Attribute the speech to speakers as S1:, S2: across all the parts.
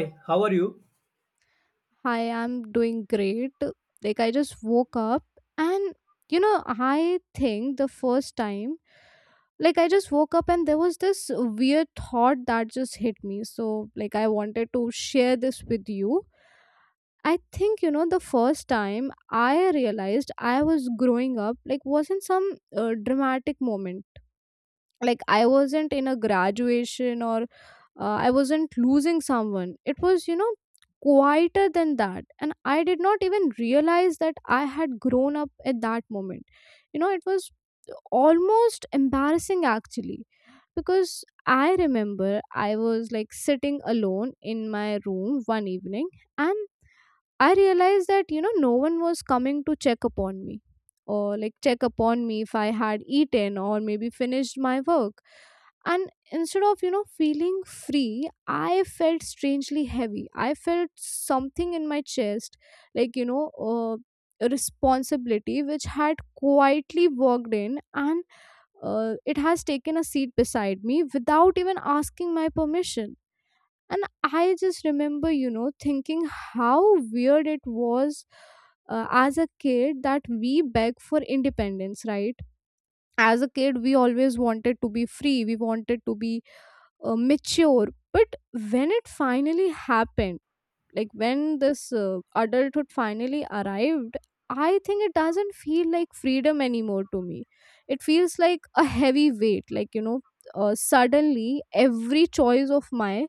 S1: Hi, how are you?
S2: Hi, I'm doing great. Like, I just woke up, and you know, I think the first time, like, I just woke up, and there was this weird thought that just hit me. So, like, I wanted to share this with you. I think, you know, the first time I realized I was growing up, like, wasn't some dramatic moment. Like, I wasn't in a graduation or I wasn't losing someone. It was, you know, quieter than that. And I did not even realize that I had grown up at that moment. You know, it was almost embarrassing actually because I remember I was like sitting alone in my room one evening and I realized that, you know, no one was coming to check upon me or like check upon me if I had eaten or maybe finished my work. And instead of, you know, feeling free, I felt strangely heavy. I felt something in my chest, like, you know, a responsibility which had quietly walked in and it has taken a seat beside me without even asking my permission. And I just remember, you know, thinking how weird it was, as a kid, that we beg for independence, right? As a kid we always wanted to be free, we wanted to be mature, but when it finally happened, like when this adulthood finally arrived, I think it doesn't feel like freedom anymore to me. It feels like a heavy weight, like, you know, suddenly every choice of mine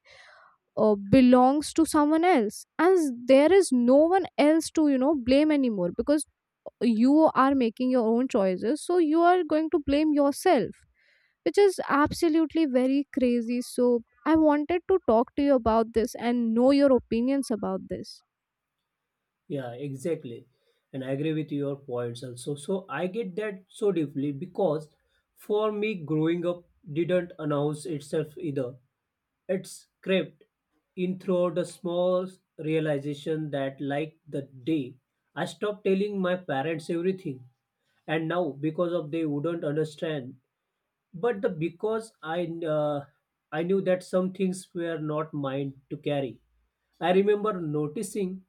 S2: belongs to someone else, and there is no one else to, you know, blame anymore, because you are making your own choices, so you are going to blame yourself, which is absolutely very crazy. So I wanted to talk to you about this and know your opinions about this.
S1: Yeah, exactly. And I agree with your points also. So I get that so deeply because for me, growing up didn't announce itself either. It's crept in through the small realization that, like the day I stopped telling my parents everything, and now because of they wouldn't understand but the because I knew that some things were not mine to carry. I remember noticing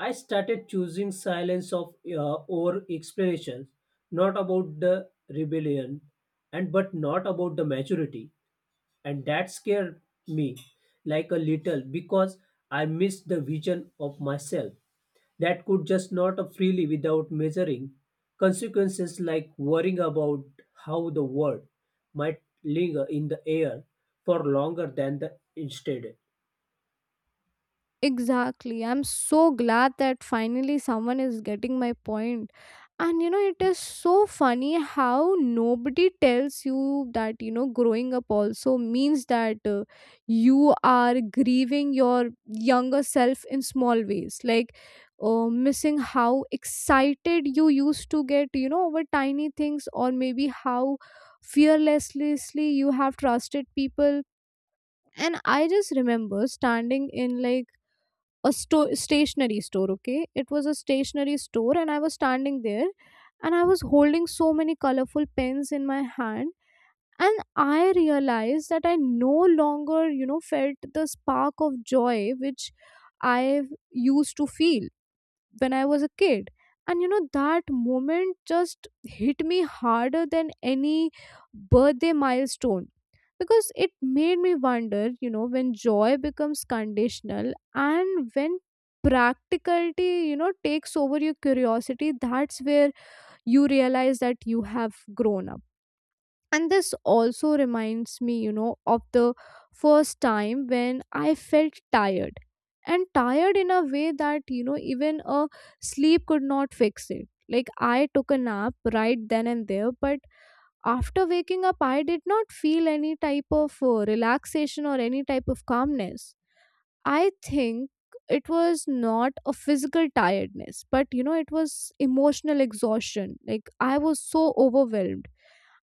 S1: I started choosing silence of over explanations, not about the rebellion, and but not about the maturity, and that scared me like a little because I missed the vision of myself that could just not freely without measuring consequences like worrying about how the word might linger in the air for longer than the intended.
S2: Exactly. I'm so glad that finally someone is getting my point. And you know, it is so funny how nobody tells you that, you know, growing up also means that, you are grieving your younger self in small ways, like missing how excited you used to get, you know, over tiny things, or maybe how fearlessly you have trusted people. And I just remember standing in like a stationery store. Okay, it was a stationery store, and I was standing there, and I was holding so many colorful pens in my hand, and I realized that I no longer, you know, felt the spark of joy which I used to feel when I was a kid. And you know, that moment just hit me harder than any birthday milestone, because it made me wonder, you know, when joy becomes conditional, and when practicality, you know, takes over your curiosity, that's where you realize that you have grown up. And this also reminds me, you know, of the first time when I felt tired, and tired in a way that, you know, even a sleep could not fix it. Like, I took a nap right then and there, but after waking up I did not feel any type of relaxation or any type of calmness. I think it was not a physical tiredness, but you know, it was emotional exhaustion. Like, I was so overwhelmed,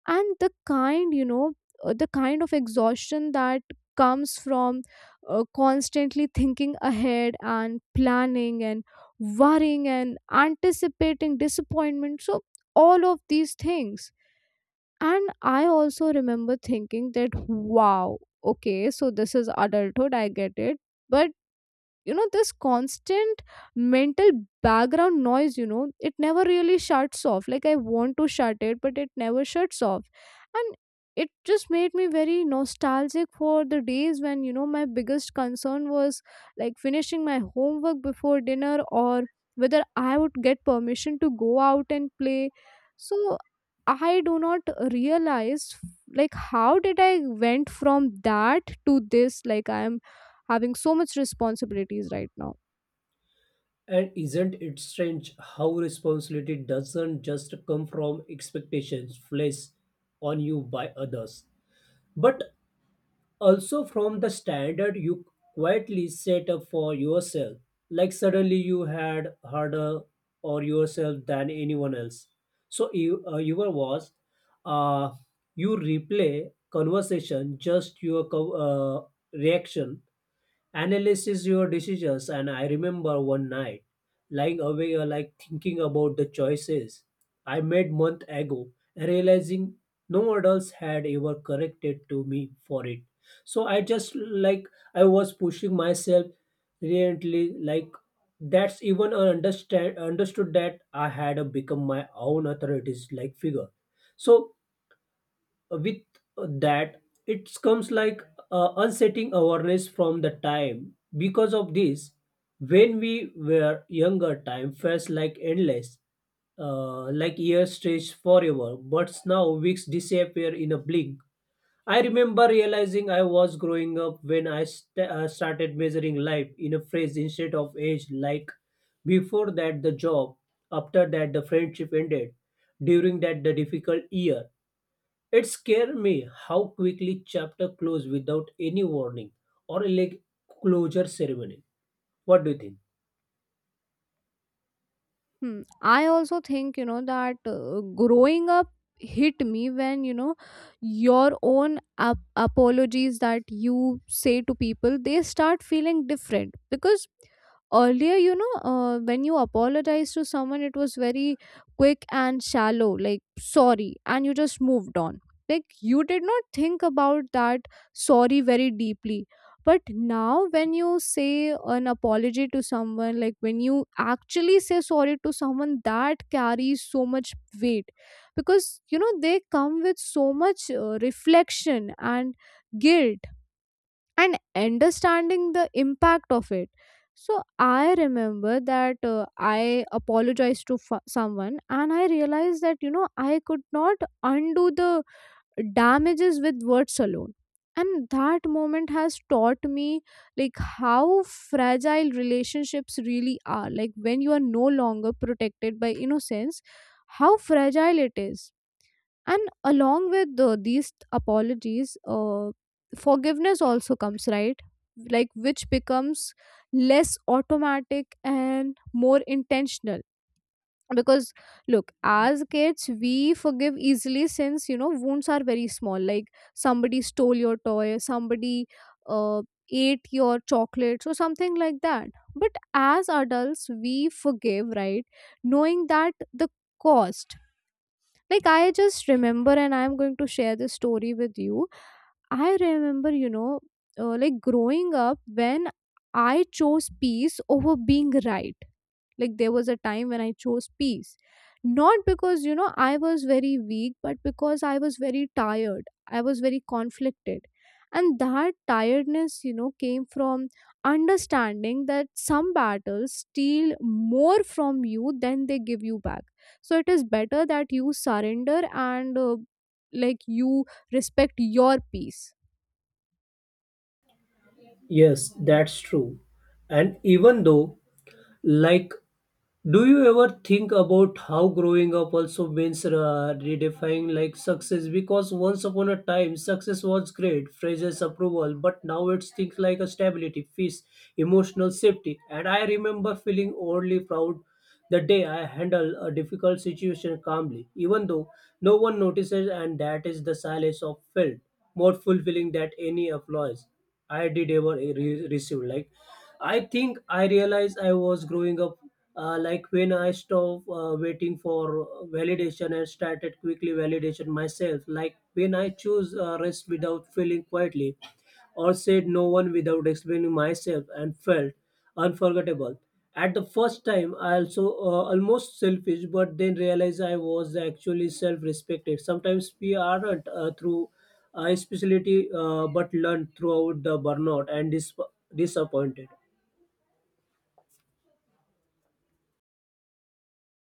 S2: and the kind, you know, the kind of exhaustion that comes from constantly thinking ahead, and planning, and worrying, and anticipating disappointment, so all of these things. And I also remember thinking that, wow, okay, so this is adulthood, I get it. But you know, this constant mental background noise, you know, it never really shuts off. Like, I want to shut it, but it never shuts off. And it just made me very nostalgic for the days when, you know, my biggest concern was like finishing my homework before dinner, or whether I would get permission to go out and play. So I do not realize like how did I went from that to this, like I am having so much responsibilities right now.
S1: And isn't it strange how responsibility doesn't just come from expectations placed on you by others, but also from the standard you quietly set up for yourself like suddenly you had harder or yourself than anyone else so you you were was uh, you replay conversation just your reaction analyzes your decisions. And I remember one night lying awake like thinking about the choices I made month ago and realizing no adults had ever corrected to me for it. So I just like I was pushing myself relentlessly like that's even I understand understood that I had become my own authorities like figure. So with that it comes like unsetting awareness from the time because of this when we were younger time felt like endless like years stretched forever but now weeks disappear in a blink. I remember realizing I was growing up when I started measuring life in a phrase instead of age like before that the job, after that the friendship ended, during that the difficult year. It scared me how quickly chapter closed without any warning or a like closure ceremony. What do you think?
S2: Hmm. I also think, you know, that growing up hit me when, you know, your own apologies that you say to people, they start feeling different, because earlier, you know, when you apologize to someone it was very quick and shallow, like sorry, and you just moved on. Like, you did not think about that sorry very deeply. But now, when you say an apology to someone, like when you actually say sorry to someone, that carries so much weight, because you know they come with so much reflection, and guilt, and understanding the impact of it. So I remember that, I apologized to someone, and I realized that, you know, I could not undo the damages with words alone, and that moment has taught me like how fragile relationships really are, like when you are no longer protected by innocence, how fragile it is. And along with, these apologies, forgiveness also comes, right? Like, which becomes less automatic and more intentional, because, look, as kids we forgive easily, since, you know, wounds are very small. Like, somebody stole your toy, somebody uh, ate your chocolates, or something like that. But as adults we forgive, right, knowing that the cost. Like, I just remember, and I'm going to share this story with you. I remember, you know, like growing up when I chose peace over being right. Like, there was a time when I chose peace. Not because, you know, I was very weak, but because I was very tired. I was very conflicted. And that tiredness, you know, came from understanding that some battles steal more from you than they give you back. So it is better that you surrender, and like, you respect your peace.
S1: Yes, that's true. And even though, like, do you ever think about how growing up also means redefining like success? Because once upon a time, success was great, phrases, approval, but now it's things like a stability, peace, emotional safety. And I remember feeling only proud the day I handle a difficult situation calmly, even though no one notices, and that is the silence of felt more fulfilling than any applause I did ever receive. Like, I think I realized I was growing up. Like when I stopped waiting for validation and started quickly validation myself. Like when I choose rest without feeling quietly, or said no one without explaining myself and felt. Unforgettable. At the first time, I also almost selfish, but then realized I was actually self-respected. Sometimes we aren't through specialty, but learn throughout the burnout and disappointed.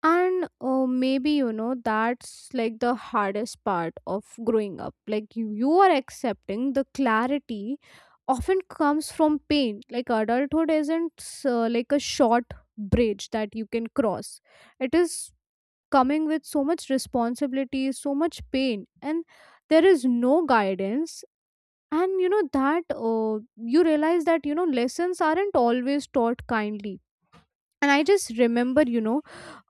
S2: And maybe, you know, that's like the hardest part of growing up. Like, you are accepting the clarity often comes from pain. Like, adulthood isn't like a short bridge that you can cross. It is coming with so much responsibility, so much pain, and there is no guidance. And you know that, you realize that, you know, lessons aren't always taught kindly. And I just remember, you know,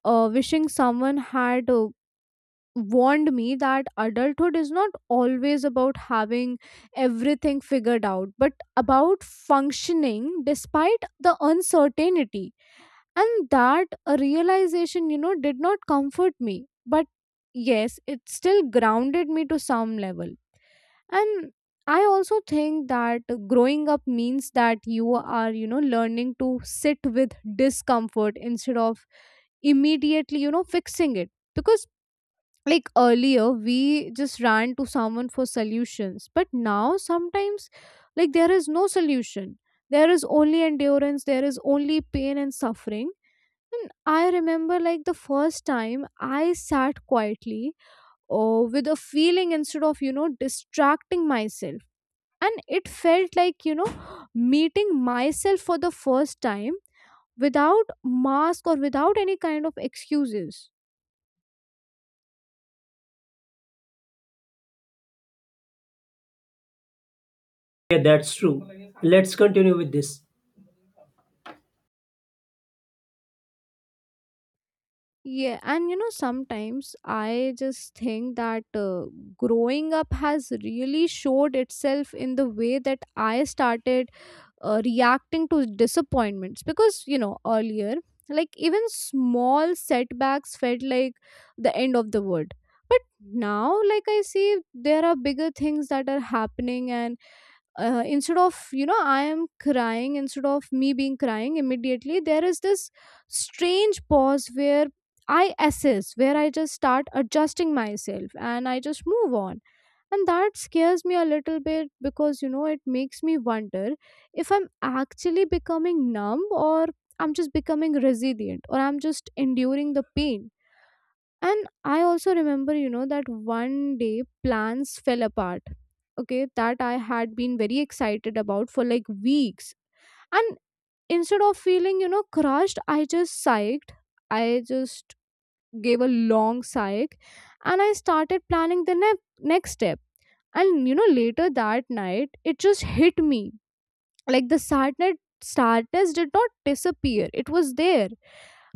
S2: wishing someone had warned me that adulthood is not always about having everything figured out, but about functioning despite the uncertainty. And that realization, you know, did not comfort me, but yes, it still grounded me to some level. And I also think that growing up means that you are, you know, learning to sit with discomfort instead of immediately, you know, fixing it, because, like, earlier we just ran to someone for solutions, but now sometimes, like, there is no solution, there is only endurance, there is only pain and suffering. And I remember like the first time I sat quietly or with a feeling instead of, you know, distracting myself, and it felt like, you know, meeting myself for the first time without mask or without any kind of excuses.
S1: Yeah, that's true. Let's continue with this.
S2: Yeah, and you know, sometimes I just think that, growing up has really showed itself in the way that I started reacting to disappointments, because, you know, earlier, like, even small setbacks felt like the end of the world, but now, like, I see there are bigger things that are happening, and instead of, you know, I am crying, instead of me being crying immediately, there is this strange pause where I assess, where I just start adjusting myself and I just move on. And that scares me a little bit because, you know, it makes me wonder if I'm actually becoming numb, or I'm just becoming resilient, or I'm just enduring the pain. And I also remember, you know, that one day plans fell apart, okay, that I had been very excited about for like weeks. And instead of feeling, you know, crushed, I just sighed. I just gave a long sigh, and I started planning the next step. And you know, later that night, it just hit me. Like, the sadness, sadness did not disappear, it was there.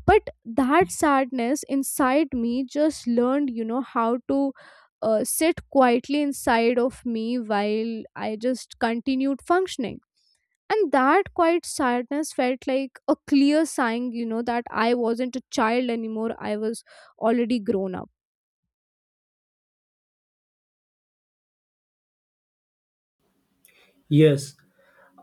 S2: But that sadness inside me just learned, you know, how to sit quietly inside of me while I just continued functioning. And that quiet sadness felt like a clear sign, you know, that I wasn't a child anymore, I was already grown up.
S1: Yes.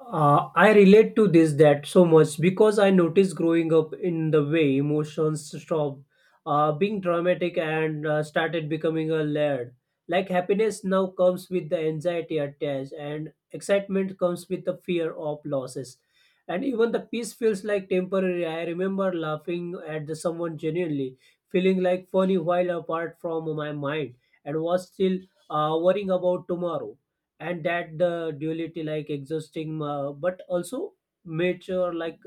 S1: I relate to this that so much because I noticed growing up in the way emotions stopped being dramatic and started becoming a layered. Like happiness now comes with the anxiety attached, and excitement comes with the fear of losses. And even the peace feels like temporary. I remember laughing at the someone genuinely, feeling like funny while apart from my mind, and was still worrying about tomorrow and that the duality like exhausting but also mature like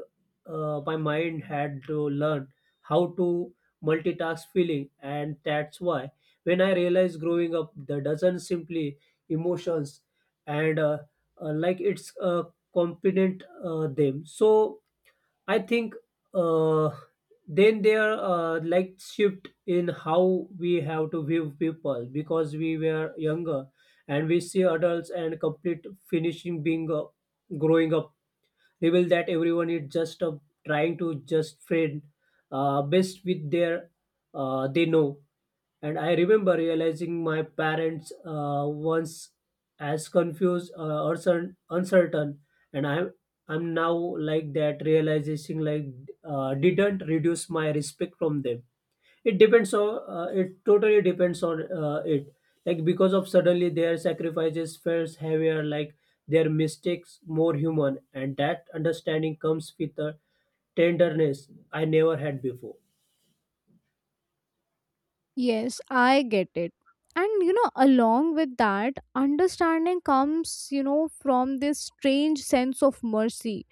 S1: my mind had to learn how to multitask feeling, and that's why when I realized growing up there doesn't simply emotions and like it's competent them. So I think uh, then there like shift in how we have to view people because we were younger and we see adults and complete finishing being growing up reveal that everyone is just trying to just friend best with their they know. And I remember realizing my parents once as confused or uncertain, and I'm now like that. Realization like didn't reduce my respect from them. It depends on it totally depends on it. Like because of suddenly their sacrifices felt heavier, like their mistakes more human, and that understanding comes with a tenderness I never had before.
S2: Yes, I get it. And you know, along with that, understanding comes, you know, from this strange sense of mercy.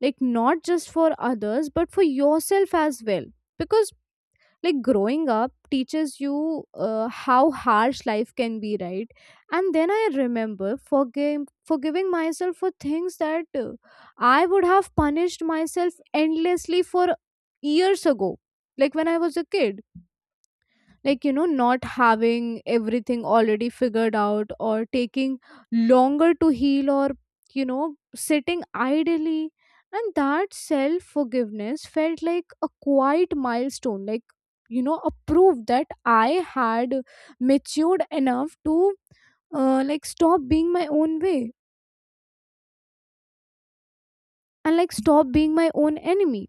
S2: Like, not just for others, but for yourself as well. Because, like, growing up teaches you how harsh life can be, right? And then I remember forgiving myself for things that I would have punished myself endlessly for years ago, like when I was a kid, like not having everything already figured out, or taking longer to heal, or sitting idly. And that self forgiveness felt like a quiet milestone, like a proof that I had matured enough to like stop being my own way and like stop being my own enemy.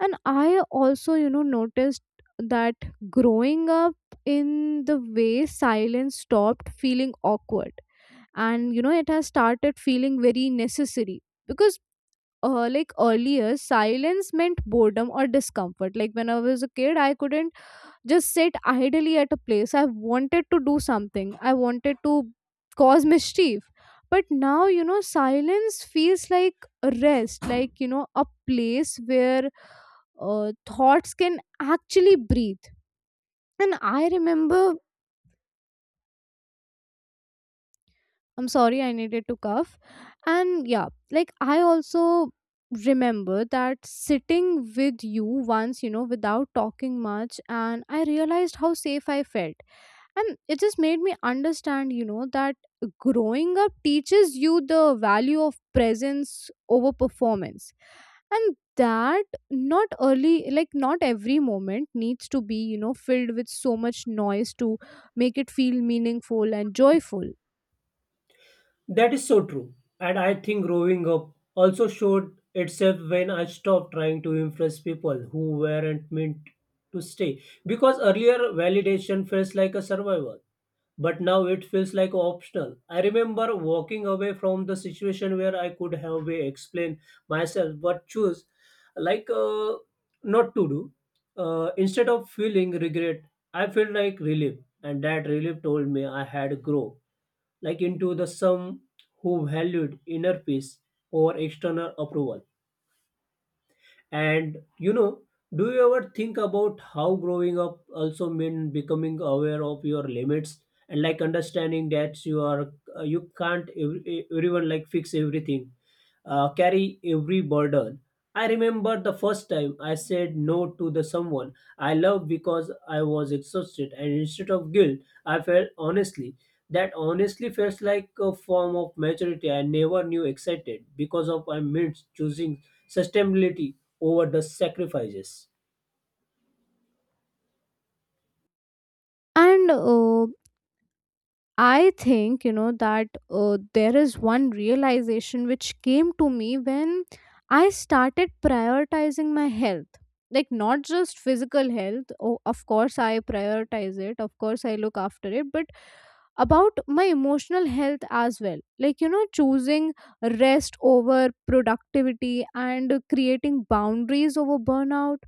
S2: And I also, noticed that growing up, in the way silence stopped feeling awkward, and it has started feeling very necessary. Because like earlier silence meant boredom or discomfort, like when I was a kid I couldn't just sit idly at a place. I wanted to do something, I wanted to cause mischief. But now, silence feels like a rest, like a place where thoughts can actually breathe. And I remember, I'm sorry, I needed to cough. And yeah, like I also remember that sitting with you once, you know, without talking much, and I realized how safe I felt. And it just made me understand, you know, that growing up teaches you the value of presence over performance. And that not early, like, not every moment needs to be, you know, filled with so much noise to make it feel meaningful and joyful.
S1: That is so true. And I think growing up also showed itself when I stopped trying to impress people who weren't meant to stay. Because earlier validation feels like a survival, but now it feels like optional. I remember walking away from the situation where I could have explained myself but choose like not to do. Instead of feeling regret, I felt like relief, and that relief told me I had grown like into the some who valued inner peace over external approval. And you know, do you ever think about how growing up also mean becoming aware of your limits and like understanding that you are you can't everyone like fix everything carry every burden. I remember the first time I said no to the someone I love because I was exhausted, and instead of guilt, I felt honestly. That honestly felt like a form of maturity I never knew excited because of my means choosing sustainability over the sacrifices.
S2: And I think, you know, that there is one realization which came to me when I started prioritizing my health. Like, not just physical health. Oh, of course, I prioritize it. Of course, I look after it. But about my emotional health as well. Like, you know, choosing rest over productivity and creating boundaries over burnout.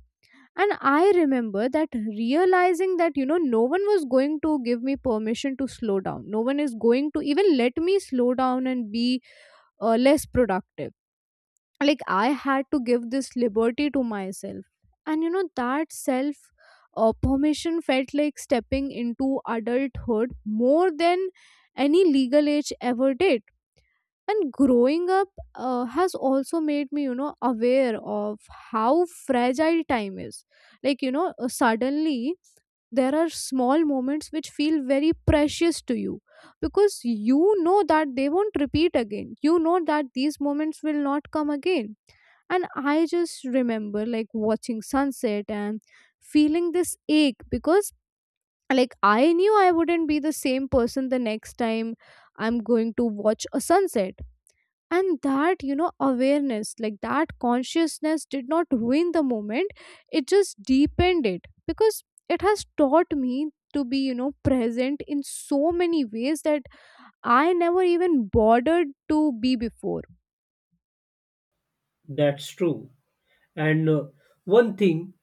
S2: And I remember that, realizing that, you know, no one was going to give me permission to slow down. No one is going to even let me slow down and be less productive. Like I had to give this liberty to myself. And you know, that self permission felt like stepping into adulthood more than any legal age ever did. And growing up has also made me, you know, aware of how fragile time is. Like, suddenly there are small moments which feel very precious to you, because you know that they won't repeat again. You know that these moments will not come again. And I just remember, like, watching sunset and feeling this ache, because like I knew I wouldn't be the same person the next time I'm going to watch a sunset. And that, you know, awareness, like that consciousness did not ruin the moment, it just deepened it, because it has taught me to be, you know, present in so many ways that I never even bothered to be before.
S1: That's true. And One thing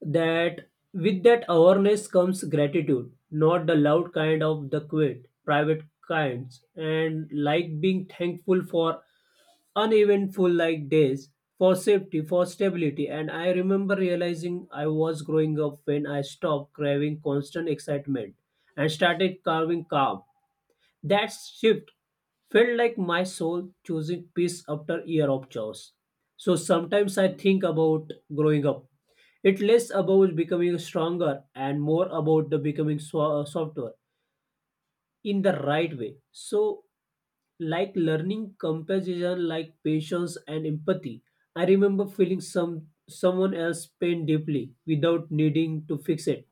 S1: that with that awareness comes gratitude, not the loud kind of the quiet private kinds, and like being thankful for uneventful like days, for safety, for stability. And I remember realizing I was growing up when I stopped craving constant excitement and started carving calm. That shift felt like my soul choosing peace after year of chaos. So sometimes I think about growing up. It less about becoming stronger and more about the becoming softer in the right way. So like learning compassion, like patience and empathy. I remember feeling someone else pain deeply without needing to fix it.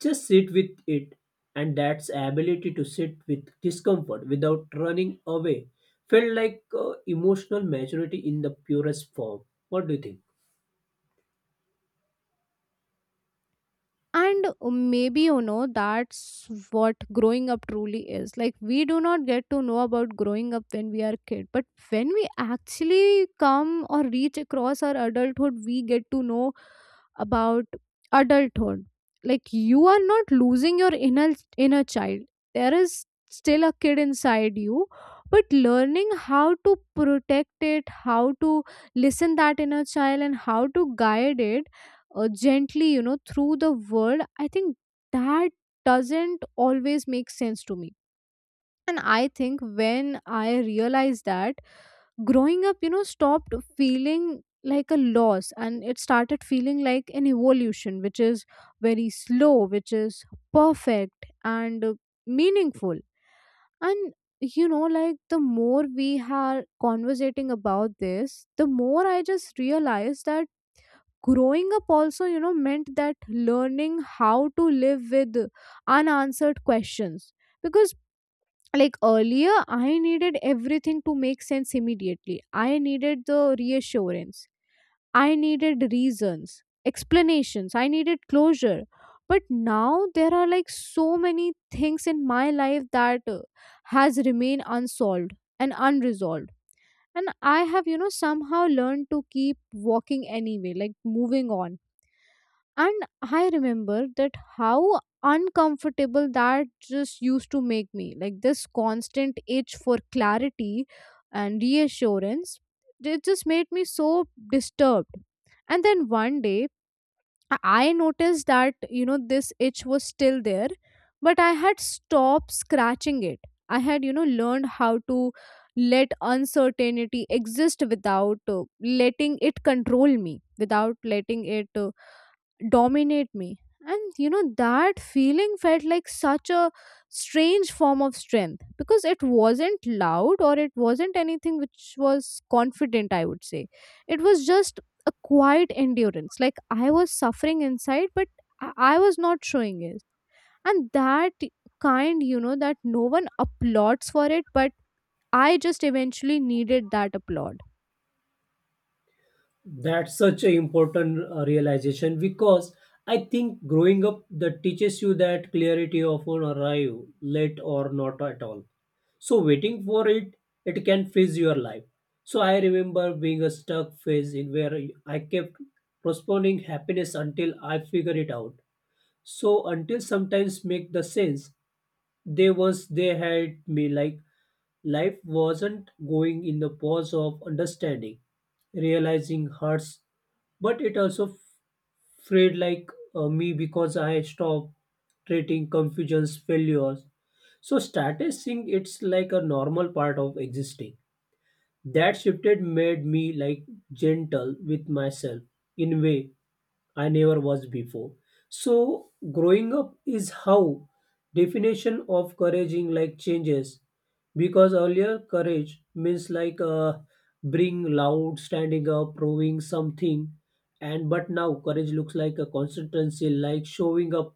S1: Just sit with it, and that's ability to sit with discomfort without running away felt like emotional maturity in the purest form. What do you think?
S2: And maybe, you know, that's what growing up truly is. Like, we do not get to know about growing up when we are kid, but when we actually come or reach across our adulthood, we get to know about adulthood. Like, you are not losing your inner child. There is still a kid inside you, but learning how to protect it, how to listen that inner child, and how to guide it gently, you know, through the world. I think that doesn't always make sense to me. And I think when I realized that, growing up, you know, stopped feeling like a loss, and it started feeling like an evolution, which is very slow, which is perfect and meaningful. And you know, like the more we are conversating about this, the more I just realize that growing up also, you know, meant that learning how to live with unanswered questions. Because like earlier I needed everything to make sense immediately. I needed the reassurance, I needed reasons, explanations, I needed closure. But now there are like so many things in my life that has remained unsolved and unresolved. And I have, you know, somehow learned to keep walking anyway, like moving on. And I remember that how uncomfortable that just used to make me. Like this constant itch for clarity and reassurance, it just made me so disturbed. And then one day, I noticed that, you know, this itch was still there, but I had stopped scratching it. I had, you know, learned how to let uncertainty exist without letting it control me, without letting it, dominate me. And you know, that feeling felt like such a strange form of strength, because it wasn't loud, or it wasn't anything which was confident, I would say. It was just a quiet endurance. Like I was suffering inside, but I was not showing it. And that kind, you know, that no one applauds for it, but I just eventually needed that applaud.
S1: That's such an important realization because I think growing up that teaches you that clarity often arrive late or not at all. So waiting for it, it can freeze your life. So I remember being a stuck phase in where I kept postponing happiness until I figure it out. So until sometimes make the sense, they had me like life wasn't going in the pause of understanding, realizing hurts, but it also frayed like me because I stopped treating confusions failures. So started seeing it's like a normal part of existing. That shifted made me like gentle with myself in a way I never was before. So growing up is how definition of couraging like changes because earlier courage means like being loud, standing up, proving something, and but now courage looks like a consistency, like showing up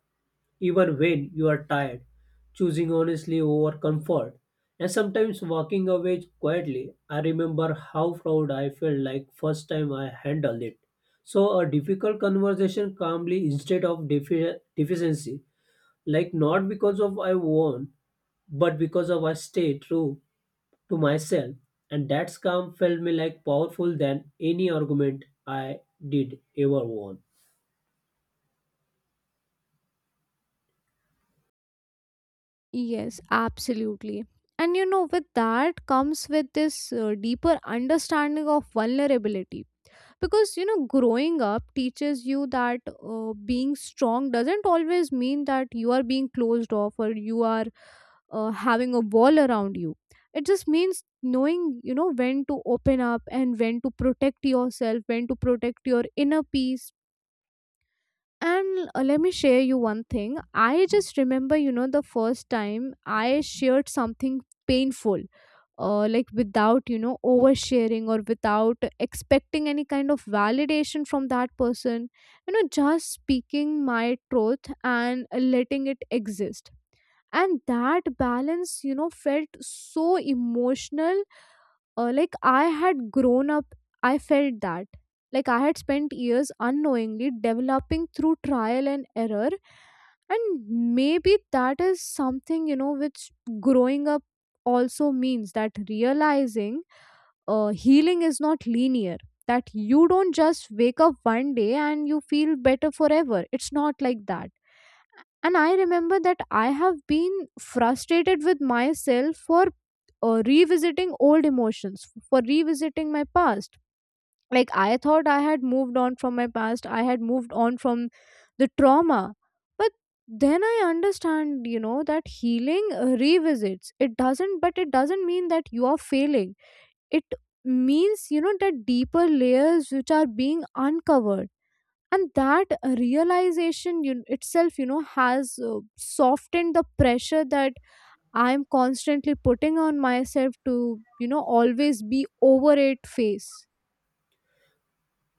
S1: even when you are tired, choosing honestly over comfort. And sometimes walking away quietly, I remember how proud I felt like first time I handled it. So a difficult conversation calmly instead of deficiency, like not because of I won, but because of I stay true to myself. And that calm felt me like powerful than any argument I did ever won.
S2: Yes, absolutely. And you know, with that comes with this deeper understanding of vulnerability. Because you know, growing up teaches you that being strong doesn't always mean that you are being closed off, or you are having a wall around you. It just means knowing, you know, when to open up and when to protect yourself, when to protect your inner peace. And let me share you one thing. I just remember, you know, the first time I shared something painful, like without, you know, oversharing or without expecting any kind of validation from that person, you know, just speaking my truth and letting it exist. And that balance, you know, felt so emotional. Like I had grown up, I felt that, like I had spent years unknowingly developing through trial and error. And maybe that is something, you know, which growing up also means, that realizing healing is not linear, that you don't just wake up one day and you feel better forever. It's not like that. And I remember that I have been frustrated with myself for revisiting old emotions, for revisiting my past. Like I thought I had moved on from my past, I had moved on from the trauma. But then I understand, you know, that healing revisits it doesn't but it doesn't mean that you are failing. It means, you know, that deeper layers which are being uncovered. And that realization, you, itself, you know, has softened the pressure that I am constantly putting on myself to, you know, always be over it face.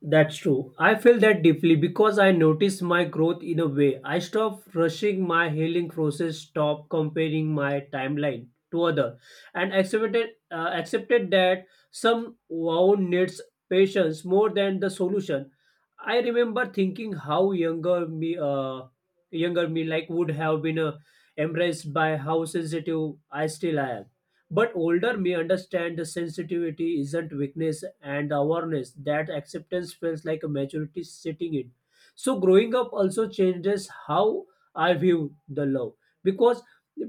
S1: That's true. I feel that deeply because I notice my growth in a way. I stop rushing my healing process, stop comparing my timeline to other, and accepted that some wound needs patience more than the solution. I remember thinking how younger me, like would have been embraced by how sensitive I still am. But older may understand the sensitivity isn't weakness and awareness that acceptance feels like a maturity sitting in. So growing up also changes how I view the love because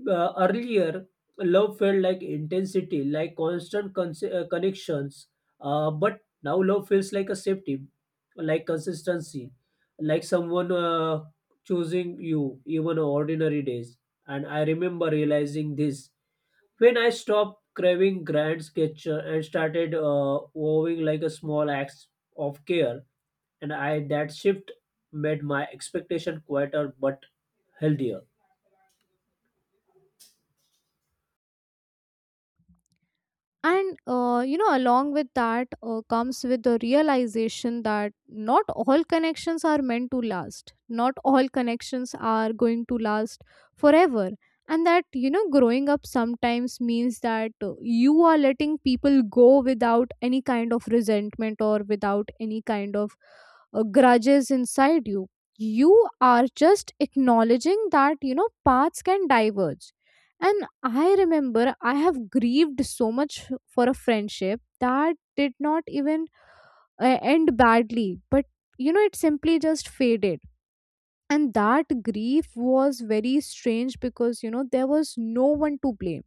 S1: earlier love felt like intensity, like constant connections, but now love feels like a safety, like consistency, like someone choosing you even on ordinary days. And I remember realizing this when I stopped craving grand gesture and started owing like a small act of care, and I that shift made my expectation quieter but healthier.
S2: And you know, along with that comes with the realization that not all connections are meant to last. Not all connections are going to last forever. And that, you know, growing up sometimes means that you are letting people go without any kind of resentment, or without any kind of grudges inside you. You are just acknowledging that, you know, paths can diverge. And I remember I have grieved so much for a friendship that did not even end badly, but you know, it simply just faded. And that grief was very strange, because you know, there was no one to blame.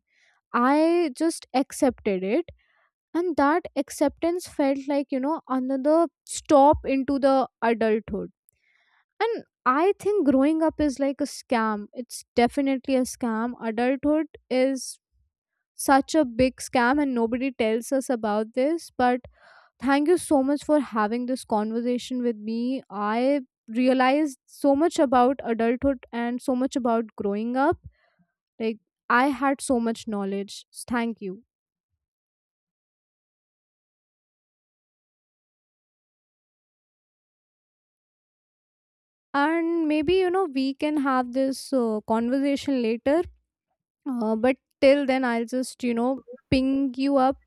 S2: I just accepted it, and that acceptance felt like, you know, another stop into the adulthood. And I think growing up is like a scam. It's definitely a scam. Adulthood is such a big scam and nobody tells us about this, but thank you so much for having this conversation with me. I realized so much about adulthood and so much about growing up. Like, I had so much knowledge. Thank you. And maybe, you know, we can have this conversation later. But till then, I'll just, you know, ping you up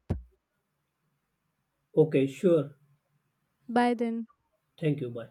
S1: Okay, sure.
S2: by then.
S1: Thank you. Bye.